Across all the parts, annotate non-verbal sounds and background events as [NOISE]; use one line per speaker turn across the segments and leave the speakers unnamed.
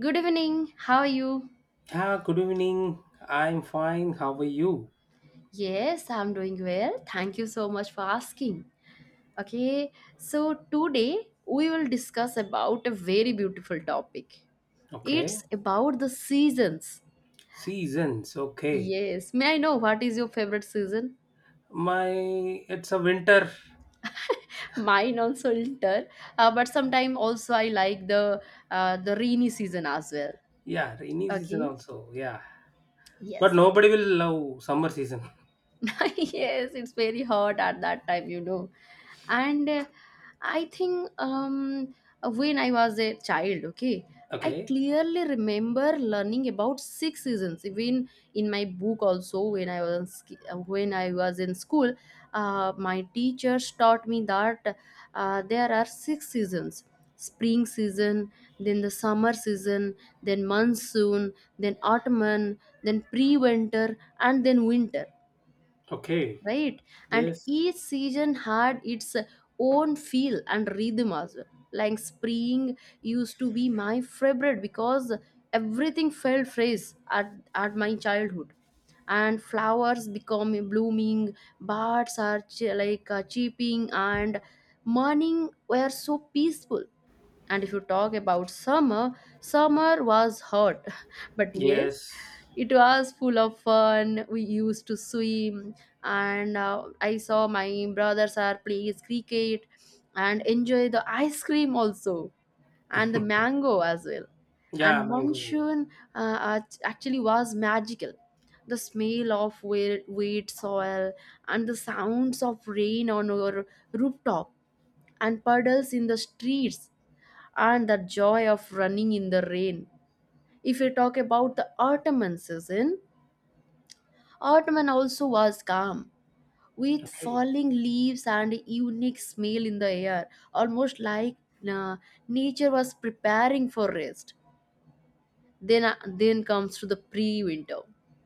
Good evening. How are you?
Ah, good evening. I'm fine. How are you?
Yes, I'm doing well. Thank you so much for asking. Okay, so today we will discuss about a very beautiful topic.
Okay.
It's about the seasons.
Seasons. Okay.
Yes, may I know what is your favorite season?
My, it's a winter.
[LAUGHS] Mine also winter, but sometime also I like the rainy season as well.
Yeah, rainy season
Okay.
also. Yeah. But
Yes.
nobody will love summer season.
[LAUGHS] yes, it's very hot at that time, and I think, when I was a child, okay,
[LAUGHS]
I
Okay.
clearly remember learning about six seasons even in my book also when I was when I was in school. My teachers taught me that there are six seasons: spring season, then the summer season, then monsoon, then autumn, then pre-winter, and then winter,
Okay.
right? And
Yes.
each season had its own feel and rhythm as well. Like spring used to be my favorite because everything felt fresh at my childhood, and flowers become blooming, birds are chirping, and morning were so peaceful. And if you talk about summer, summer was hot, [LAUGHS] but yes,
Yes.
it was full of fun. We used to swim, and I saw my brothers are playing cricket and enjoy the ice cream also and the mango as well.
Yeah,
And
mango.
monsoon actually was magical. The smell of wet soil and the sounds of rain on our rooftop and puddles in the streets and the joy of running in the rain. If we talk about the autumn season, autumn also was calm, with
Okay.
falling leaves and unique smell in the air, almost like uh, nature was preparing for rest. Then comes to the pre-winter.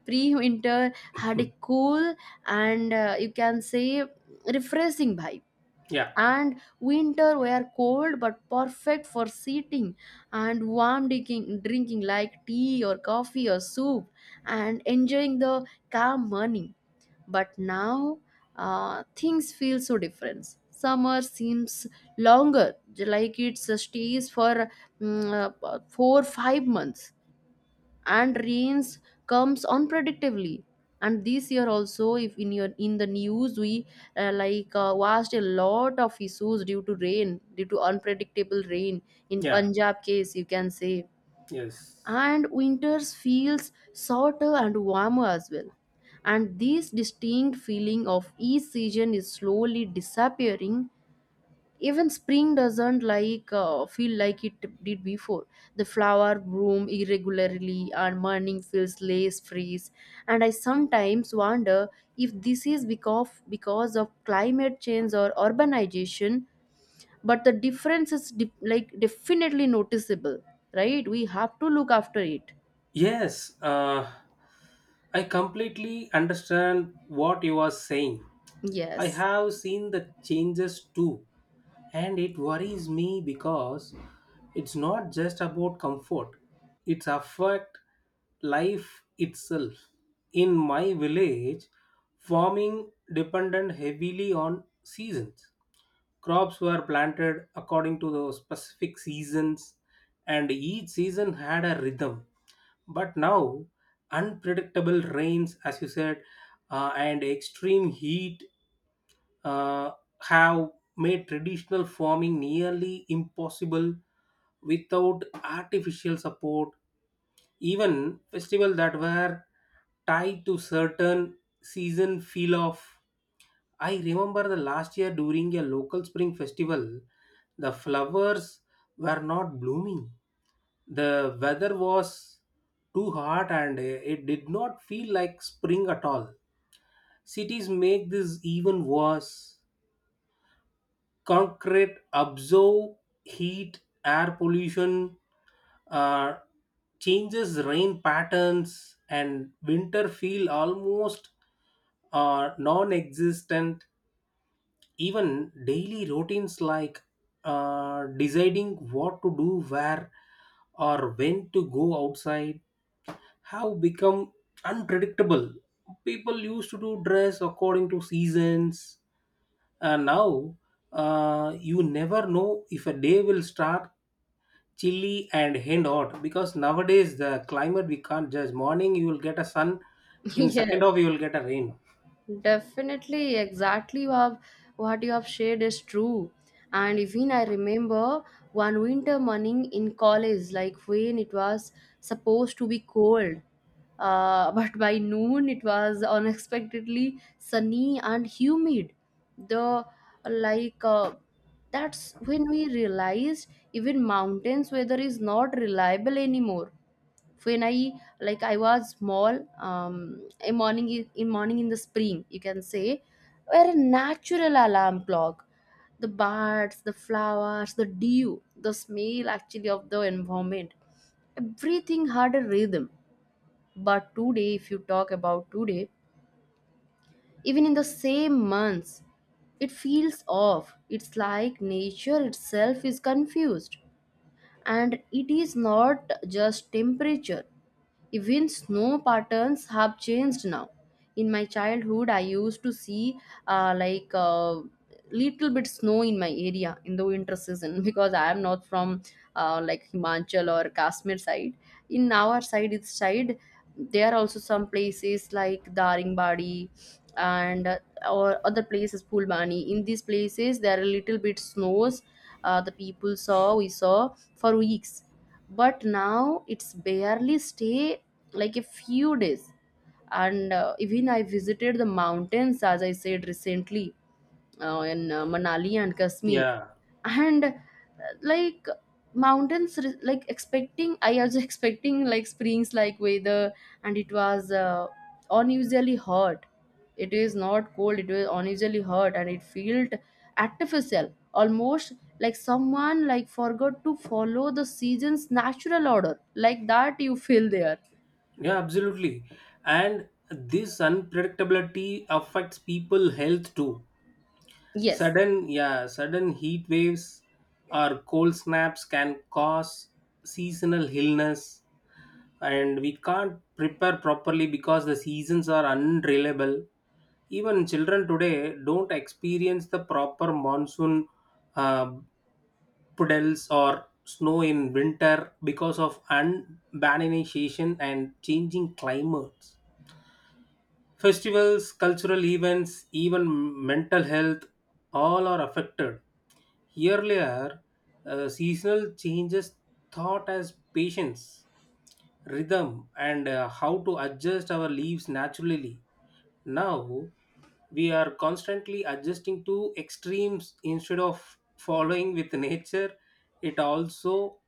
Pre-winter had a
[LAUGHS]
cool and you can say refreshing vibe,
Yeah.
and winter were cold but perfect for sitting and warm drinking like tea or coffee or soup and enjoying the calm morning. But now things feel so different. Summer seems longer, like it stays for 4 or 5 months, and rains comes unpredictably. And this year also, if in your in the news we watched a lot of issues due to rain, due to unpredictable rain in
Yeah.
Punjab case, you can say.
Yes.
And winters feels shorter and warmer as well, and this distinct feeling of each season is slowly disappearing. Even spring doesn't feel like it did before. The flower bloom irregularly and morning feels less fresh, and I sometimes wonder if this is because of climate change or urbanization, but the difference is definitely noticeable, right? We have to look after it.
Yes. I completely understand what you are saying. I
Yes.
have seen the changes too. And it worries me because it's not just about comfort, it's affect life itself. In my village, farming depended heavily on seasons. Crops were planted according to the specific seasons, and each season had a rhythm. But now, unpredictable rains, as you said, and extreme heat uh, have made traditional farming nearly impossible without artificial support. Even festivals that were tied to certain season feel off. I remember the last year during a local spring festival, the flowers were not blooming. The weather was too hot and it did not feel like spring at all. Cities make this even worse, concrete absorb heat, air pollution uh, changes rain patterns, and winter feel almost non-existent. Even daily routines like deciding what to do, where or when to go outside, have become unpredictable. People used to do dress according to seasons, and now you never know if a day will start chilly and end hot, because nowadays the climate we can't judge. Morning you will get a sun,
[LAUGHS]
in
yes.
second half you will get a rain.
Definitely, exactly you have, what you have shared is true. And even I remember one winter morning in college, like when it was supposed to be cold. [LAUGHS] But by noon, it was unexpectedly sunny and humid. The like That's when we realized even mountains weather is not reliable anymore. When I was small, um in morning, in morning in the spring, you can say, were a natural alarm clock. The birds, the flowers, the dew, the smell actually of the environment, everything had a rhythm. But today, if you talk about today, even in the same months, it feels off. It's like nature itself is confused, and it is not just temperature. Even snow patterns have changed now. In my childhood, I used to see uh, like uh, little bit snow in my area in the winter season [LAUGHS] because I am not from like Himachal or Kashmir side. In our side, its side, there are also some places like Daringbadi and or other places Pulbani. In these places, there are little bit snows. The people saw we saw for weeks, but now it's barely stay like a few days. And even I visited the mountains, as I said recently, in Manali and Kashmir,
Yeah,
and like mountains expecting, I was [LAUGHS] expecting like springs like weather, and it was unusually hot. It is not cold. It was unusually hot, and it felt artificial, almost like someone like forgot to follow the season's natural order. Like that, you feel there.
yeah, absolutely. And this unpredictability affects people health too.
Yes,
Sudden, yeah, sudden heat waves or cold snaps can cause seasonal illness, and we can't prepare properly because the seasons are unreliable. Even children today don't experience the proper monsoon uh, puddles or snow in winter because of urbanization and changing climates. Festivals, cultural events, even mental health, all are affected. Earlier, seasonal changes thought as patience, rhythm, and how to adjust our lives naturally. Now, we are constantly adjusting to extremes instead of following with nature. It also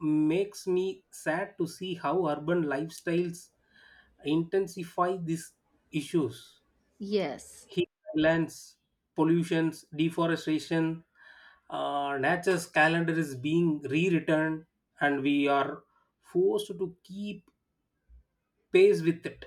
makes me sad to see how urban lifestyles intensify these issues.
yes.
Heat islands, pollutions, deforestation, nature's calendar is being rewritten, and we are forced to keep pace with it.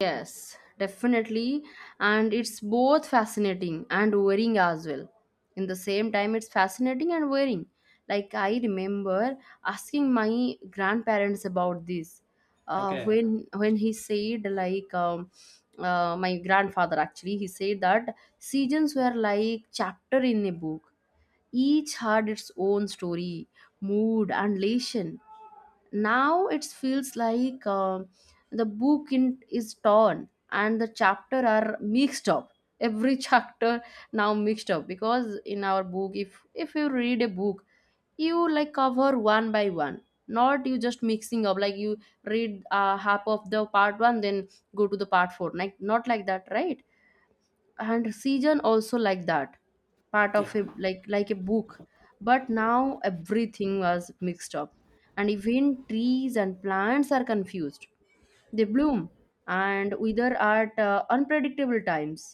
Yes, definitely. And it's both fascinating and worrying as well. In the same time, it's fascinating and worrying. Like, I remember asking my grandparents about this. Uh,
Okay.
when when he said like my grandfather actually he said that seasons were like chapter in a book. Each had its own story, mood, and lesson. Now it feels like the book is torn and the chapter are mixed up. Every [LAUGHS] chapter now mixed up, because in our book, if you read a book, you like cover one by one, not you just mixing up like you read half of the part one, then go to the part four. Like not like that, right? And season also like that, part
Yeah,
of a like a book. But now everything was mixed up, and even trees and plants are confused. They bloom and wither at unpredictable times.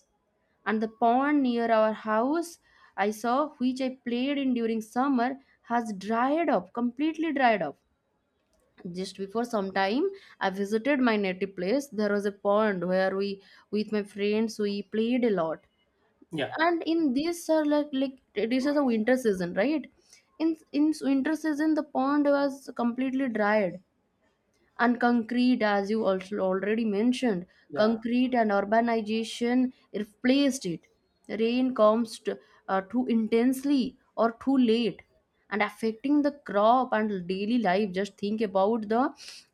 And the pond near our house I saw, which I played in during summer, has dried up, completely dried up. Just before some time, I visited my native place. There was a pond where we, with my friends, we played a lot.
yeah,
And in this, are like this is a winter season, right? In winter season, the pond was completely dried. And concrete, as you also already mentioned,
yeah.
concrete and urbanization replaced it. Rain comes too intensely or too late, and affecting the crop and daily life. Just think about the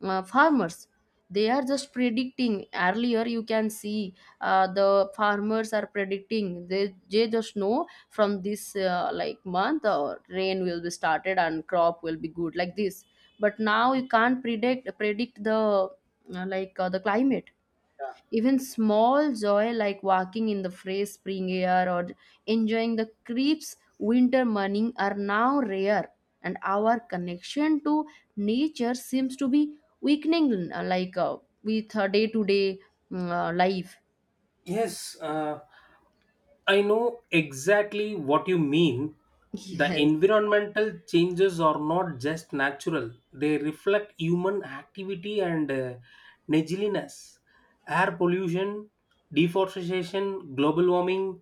farmers. They are just predicting earlier, you can see the farmers are predicting, they just know from this like month or rain will be started and crop will be good, like this. But now you can't predict the the climate. Even small joy like walking in the fresh spring air or enjoying the creeps winter morning are now rare, and our connection to nature seems to be weakening with day to day life.
Yes. I know exactly what you mean. The
Yes.
environmental changes are not just natural, they reflect human activity and negligence. Air pollution, deforestation, global warming,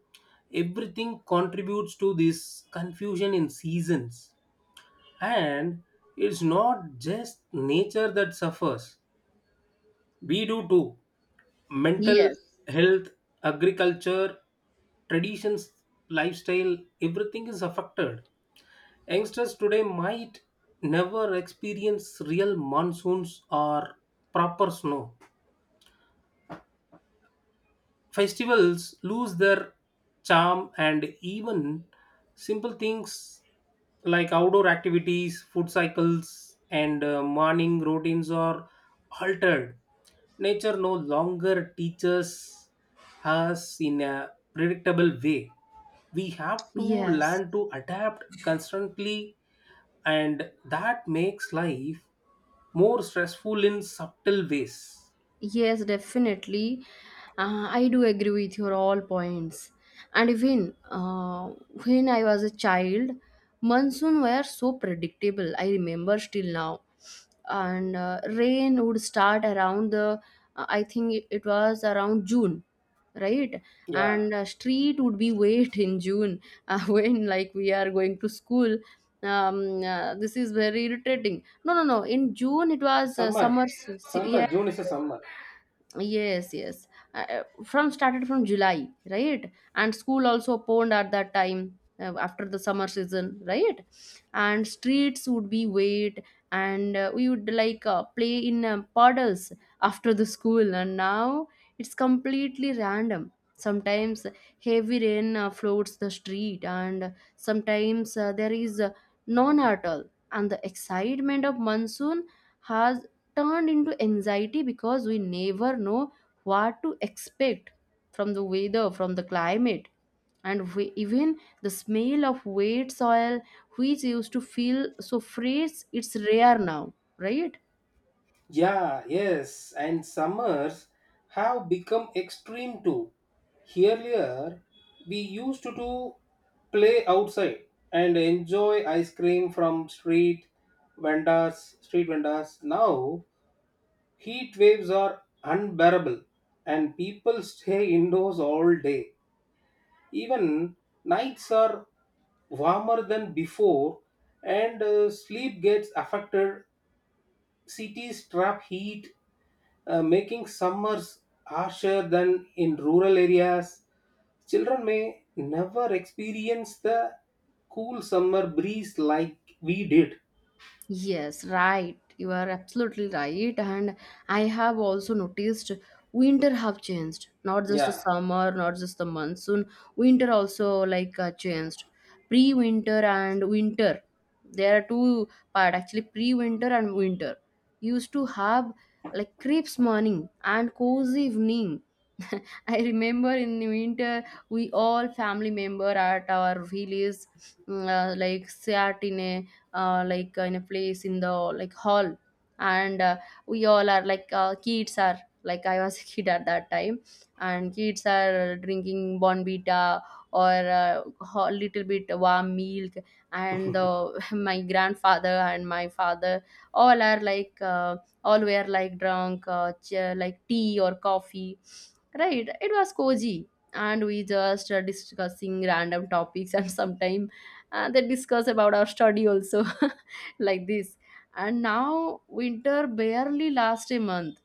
everything contributes to this confusion in seasons. And it's not just nature that suffers, we do too. Mental
Yes.
health, agriculture, traditions, lifestyle, everything is affected. Youngsters today might never experience real monsoons or proper snow. Festivals lose their charm, and even simple things like outdoor activities, food cycles and morning routines are altered. Nature no longer teaches us in a predictable way, we have to learn
Yes.
to adapt constantly, and that makes life more stressful in subtle ways.
Yes, definitely. I do agree with your all points. And even when I was a child, monsoon were so predictable. I remember still now. And rain would start around the, I think it was around June, right?
Yeah.
And street would be [LAUGHS] wet in June [LAUGHS] when like we are going to school. This is very irritating. No, no, no. In June it was
Summer.
summer.
Summer. June is a summer.
Yes, yes. From Started from July, right? And school also opened at that time after the summer season, right? And streets would be wet, and we would play in puddles after the school. And now it's completely random. Sometimes heavy rain floods the street, and sometimes there is none at all. And the excitement of monsoon has turned into anxiety because we never know what to expect from the weather, from the climate. And we, even the smell of wet soil, which used to feel so fresh, it's rare now, right?
Yeah, yes. And summers have become extreme too. Earlier, we used to do play outside and enjoy ice cream from street vendors, street vendors. Now, heat waves are unbearable and people stay indoors all day. Even nights are warmer than before and sleep gets affected. Cities trap heat, making summers harsher than in rural areas. Children may never experience the cool summer breeze like we did.
Yes, right. You are absolutely right. And I have also noticed winter have changed. Not just the
Yeah,
summer, not just the monsoon. Winter also changed. Pre-winter and winter. There are two part, actually, pre-winter and winter. Used to have like crepes morning and cozy evening. [LAUGHS] I remember in the winter we all family member at our village like sat in a in a place in the like hall, and we all are like kids are, like I was a [LAUGHS] kid at that time, and kids are drinking bonbita or a little bit warm milk. And [LAUGHS] my grandfather and my father, all are like all were like drunk like tea or coffee, right? It was cozy, and we just discussing random topics [LAUGHS] and sometimes they discuss about our study also. [LAUGHS] Like this. And now winter barely lasts a month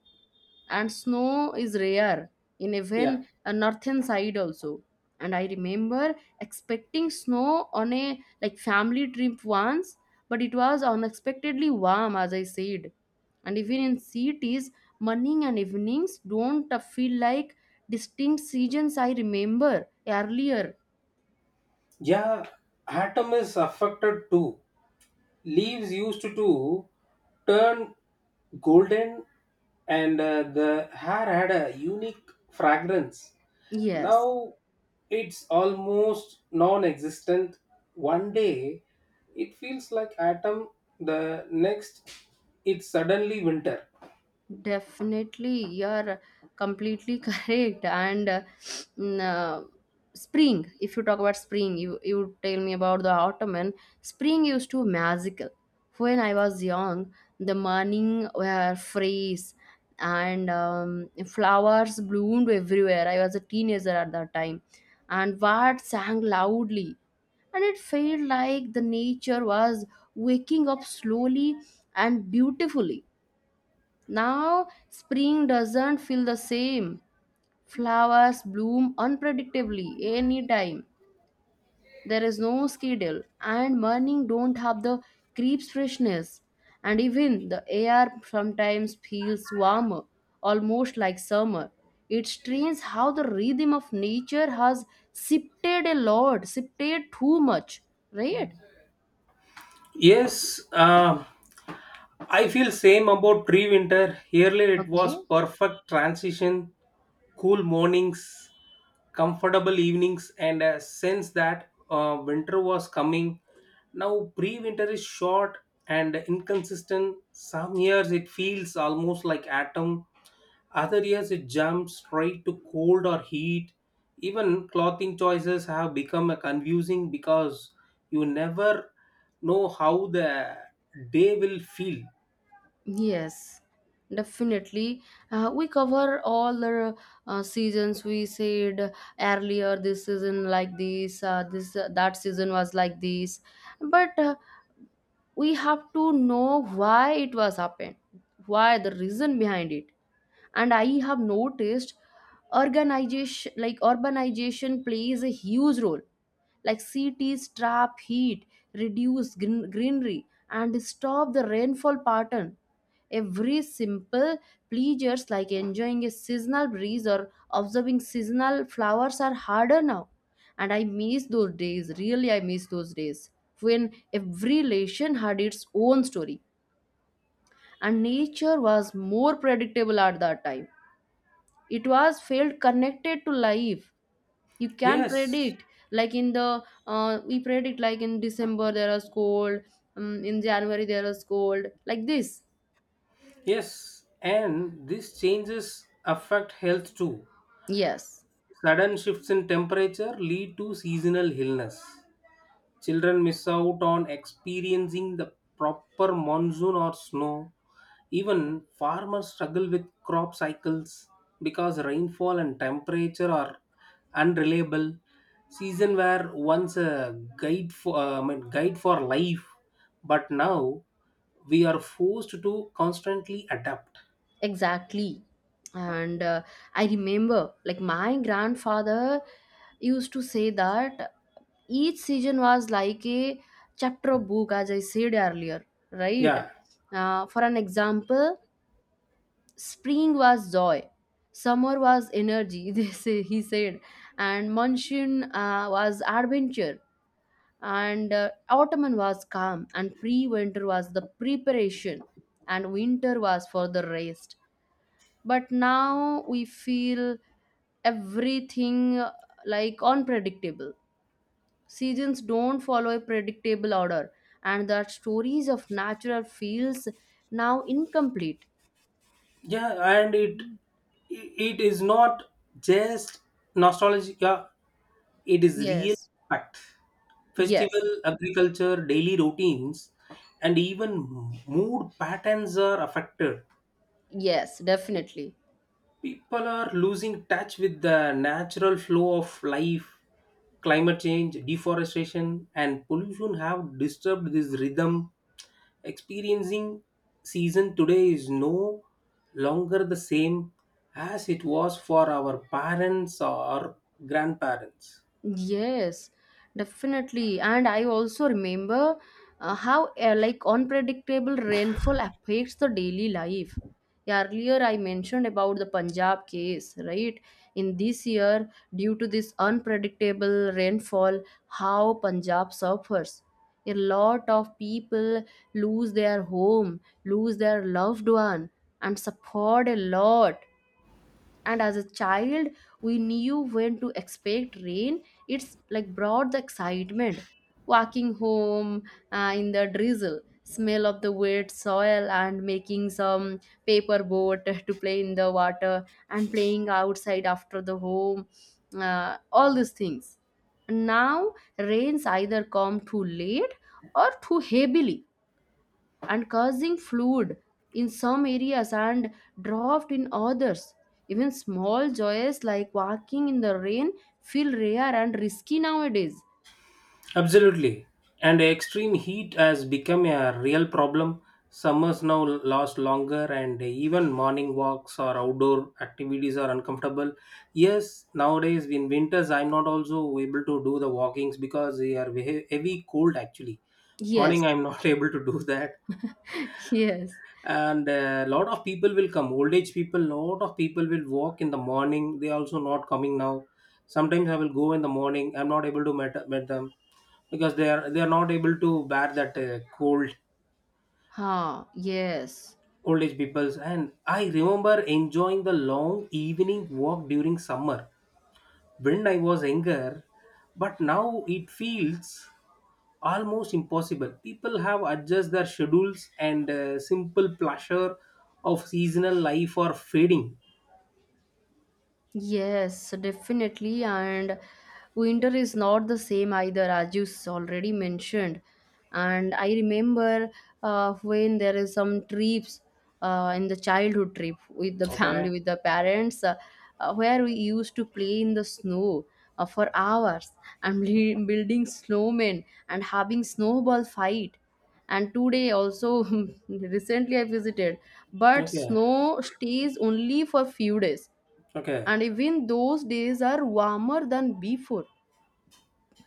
and snow is rare in
yeah.
even a northern side also. And I remember expecting snow on a like family trip once, but it was unexpectedly warm, as I said. And even in cities, morning and evenings don't feel like distinct seasons. I remember earlier.
Yeah, atom is affected too. Leaves used to turn golden, and the hair had a unique fragrance.
Yes.
Now it's almost non-existent. One day it feels like autumn, the next it's suddenly winter.
Definitely, you're completely [LAUGHS] correct. And mm, uh, spring, if you talk about spring, you tell me about the autumn. And spring used to magical. When I was young, the morning were fresh, and flowers bloomed everywhere. I was a teenager at that time, and birds sang loudly, and it felt like the nature was waking up slowly and beautifully. Now, spring doesn't feel the same. Flowers bloom unpredictably anytime. There is no schedule, and morning don't have the creeps freshness. And even the air sometimes feels warmer, almost like summer. It's strange how the rhythm of nature has shifted a lot, shifted too much, right?
Yes. I feel same about tree winter. Earlier it was
Okay.
perfect transition, cool mornings, comfortable evenings, and a sense that winter was coming. Now, pre winter is short and inconsistent. Some years it feels almost like autumn, other years it jumps straight to cold or heat. Even clothing choices have become confusing because you never know how the day will feel.
Yes, definitely. We cover all the seasons. We said earlier this season like this, that season was like this. But we have to know why it was happened, why the reason behind it. And I have noticed organization like urbanization plays a huge role like cities trap heat, greenery, and stop the rainfall pattern. Every simple pleasures like enjoying a seasonal breeze or observing seasonal flowers are harder now. And I miss those days. Really, I miss those days when every relation had its own story and nature was more predictable at that time. It was felt connected to life. You can
Yes,
predict, like in the we predict like in December there is cold, in January there is cold, like this.
yes, and these changes affect health too.
Yes.
Sudden shifts in temperature lead to seasonal illness. Children miss out on experiencing the proper monsoon or snow. Even farmers struggle with crop cycles because rainfall and temperature are unreliable. Season were once a guide for I mean, guide for life, but now we are forced to constantly adapt.
Exactly. And I remember, like, my grandfather used to say that each season was like a chapter of book, as I said earlier, right?
Yeah.
For an example, spring was joy, summer was energy, [LAUGHS] he said, and monsoon was adventure, and autumn was calm, and pre winter was the preparation, and winter was for the rest, but now we feel everything like unpredictable. Seasons don't follow a predictable order and the stories of natural feels now incomplete.
Yeah, and it is not just nostalgia, it is real
yes
fact. Festival,
yes
agriculture, daily routines, and even mood patterns are affected.
yes definitely.
People are losing touch with the natural flow of life. Climate change, deforestation and pollution have disturbed this rhythm. Experiencing season today is no longer the same as it was for our parents or grandparents.
Yes, definitely. And I also remember how like unpredictable rainfall affects the daily life. Earlier, I mentioned about the Punjab case, right? In this year, due to this unpredictable rainfall, how Punjab suffers. A lot of people lose their home, lose their loved one, and suffered a lot. And as a child, we knew when to expect rain. It's like brought the excitement, walking home in the drizzle, smell of the wet soil and making some paper boat [LAUGHS] to play in the water, and playing outside after the home, all these things. Now rains either come too late or too heavily and causing flood in some areas and drought in others. Even small joys like walking in the rain feel rare and risky nowadays.
Absolutely. And extreme heat has become a real problem. Summers now last longer, and even morning walks or outdoor activities are uncomfortable. Yes, nowadays in winters, I'm not also able to do the walkings because they are heavy cold actually. Morning,
Yes,
I'm not [LAUGHS] able to do that.
[LAUGHS] yes,
And a lot of people will come, old age people, lot of people will walk in the morning, they also not coming now. Sometimes I will go in the morning, I'm not able to meet them because they are not able to bear that cold.
ha, yes.
Old age peoples. And I remember enjoying the long evening walk during summer when I was younger, but now it feels almost impossible. People have adjust their schedules and simple pleasure of seasonal life are fading.
Yes, definitely. And winter is not the same either, as you already mentioned. And I remember when there is some trips in the childhood trip with the [LAUGHS]
Okay.
family, with the parents, where we used to play in the snow for hours, and [LAUGHS] building snowmen and having snowball fight. And today also, [LAUGHS] recently I visited, but
Okay.
snow stays only for few days
Okay.
and even those days are warmer than before,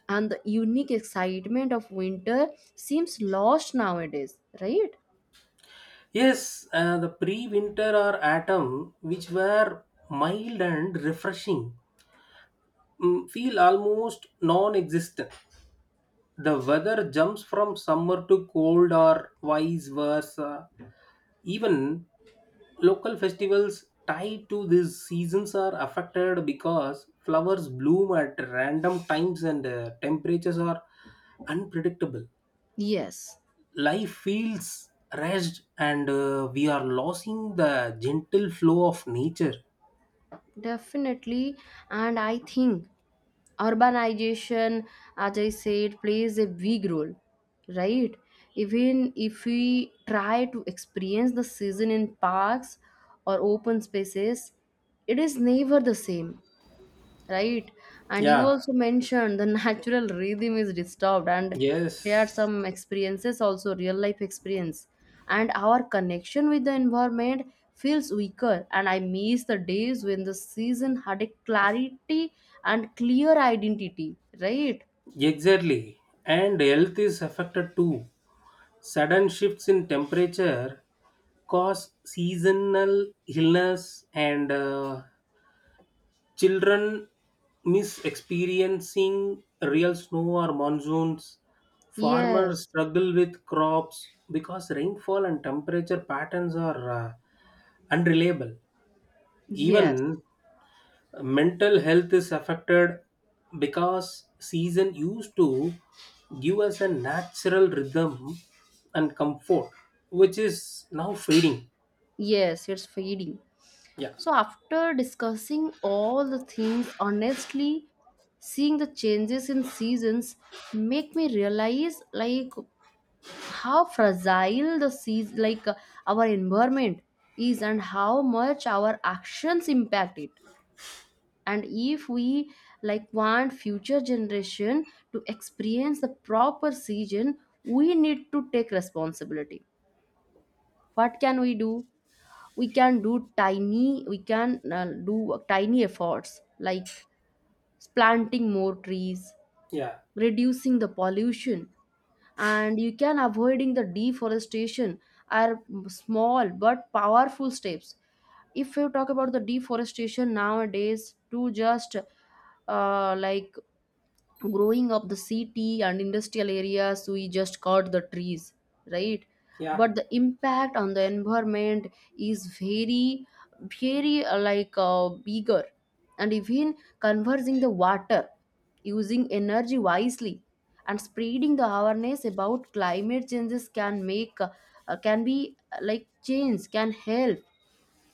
and the unique excitement of winter seems lost nowadays, right?
Yes. The pre-winter or autumn, which were mild and refreshing, mm, feel almost non-existent. The weather jumps from summer to cold or vice versa. Even local festivals tied to these seasons are affected because flowers bloom at random times and temperatures are unpredictable.
Yes,
Life feels rushed and we are losing the gentle flow of nature.
definitely. And I think urbanization, as I said, plays a big role, right? Even if we try to experience the season in parks or open spaces, it is never the same, right? And you
Yeah.
also mentioned the [LAUGHS] natural rhythm is disturbed and shared
Yes,
some experiences also, real life experience, and our connection with the environment feels weaker, and I miss the days when the season had a clarity and clear identity, right?
exactly. And health is affected too. Sudden shifts in temperature cause seasonal illness, and children miss experiencing real snow or monsoons. Farmers
yes
struggle with crops because rainfall and temperature patterns are unreliable.
yes
Even mental health is affected because season used to give us a natural rhythm and comfort, which is now fading.
yes it's fading.
Yeah,
So, after discussing all the things, honestly, seeing the changes in seasons make me realize like how fragile the seas like our environment is and how much our actions impact it. And if we like want future generation to experience the proper season, we need to take responsibility. What can we do? We can do tiny efforts like planting more trees,
yeah,
reducing the pollution, and you can avoiding the deforestation are small but powerful steps. If you talk about the deforestation nowadays, to just like growing up the city and industrial areas, we just cut the trees, right?
yeah,
But the impact on the environment is very, very bigger. And even conversing the water, using energy wisely, and spreading the awareness about climate changes can make can be like change can help.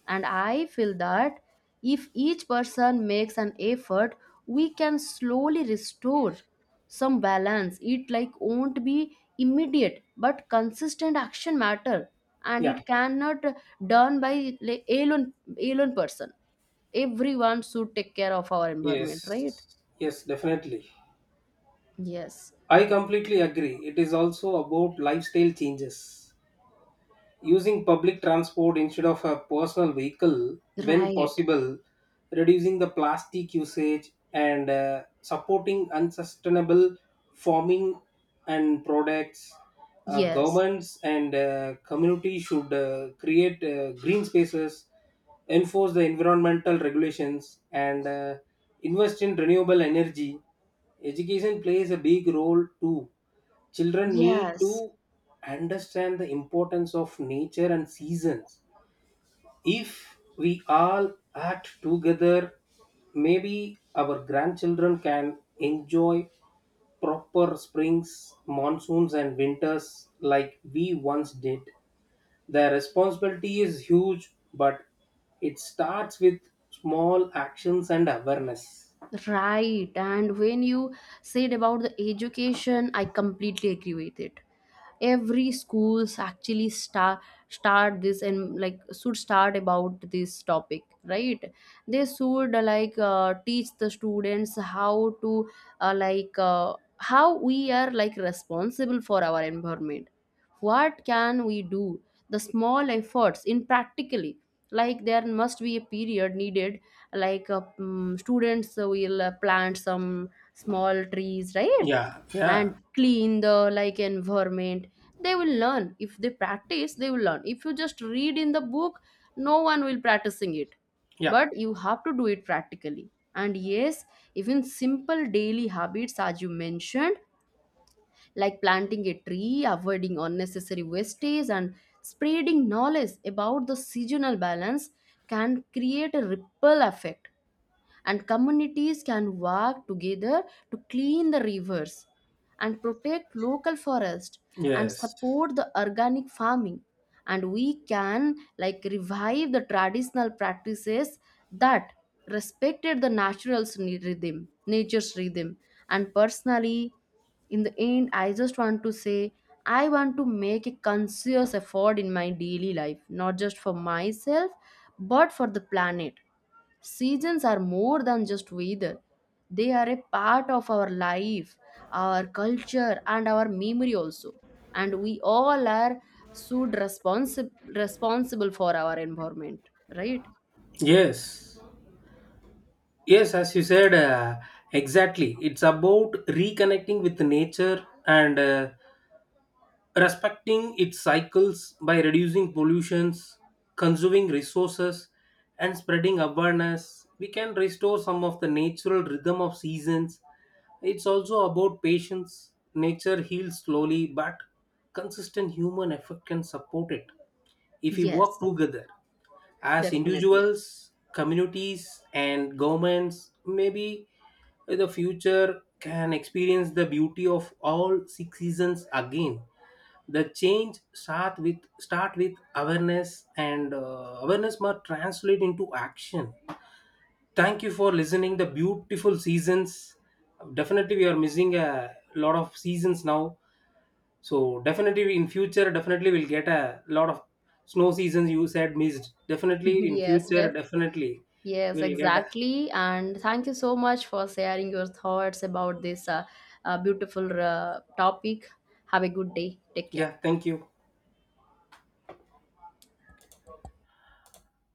And I feel that if each person makes an effort, we can slowly restore some balance. It like won't be immediate, but consistent action matter, and
yeah.
it cannot done by, like, alone person. Everyone should take care of our environment, right?
Yes, yes, definitely.
Yes,
I completely agree. It is also about lifestyle changes. Using public transport instead of a personal vehicle when
right.
possible, reducing the plastic usage, and supporting unsustainable farming and products.
Yes,
Governments and community should create green spaces, enforce the environmental regulations, and invest in renewable energy. Education plays a big role too. Children need
yes,
to understand the importance of nature and seasons. If we all act together, maybe our grandchildren can enjoy proper springs, monsoons and winters like we once did. The responsibility is huge, but it starts with small actions and awareness.
right. And when you said about the education, I completely agree with it. Every schools actually start this and like should start about this topic, right? They should teach the students how to how we are like responsible for our environment, what can we do, the small efforts in practically. Like there must be a period needed, like students will plant some small trees, right?
Yeah, yeah,
And clean the like environment. They will learn if they practice, they will learn. If you just read in the book, no one will practicing it,
yeah.
but you have to do it practically. And yes, even simple daily habits, as you mentioned, like planting a tree, avoiding unnecessary wastage, and spreading knowledge about the seasonal balance can create a ripple effect. And communities can work together to clean the rivers and protect local forest and
Yes,
support the organic farming. And we can like revive the traditional practices that respected the rhythm nature's rhythm. And personally, in the end, I just want to say I want to make a conscious effort in my daily life not just for myself but for the planet. Seasons are more than just weather. They are a part of our life, our culture, and our memory also. And we all are so responsible for our environment, right?
yes. Yes, as you said, exactly. It's about reconnecting with nature and respecting its cycles. By reducing pollutions, conserving resources, and spreading awareness, we can restore some of the natural rhythm of seasons. It's also about patience. Nature heals slowly, but consistent human effort can support it. If we work
Yes,
together as
definitely. [LAUGHS]
individuals, communities, and governments, maybe the future can experience the beauty of all six seasons again. The change start with awareness, and awareness must translate into action. Thank you for listening. The beautiful seasons. Definitely, we are missing a lot of seasons now, so definitely in future, definitely we'll get a lot of snow seasons you said missed, definitely in
Yes,
future,
def
definitely
yes,
we'll get a,
exactly. And thank you so much for sharing your thoughts about this beautiful topic. Have a good day. Take care.
yeah, thank you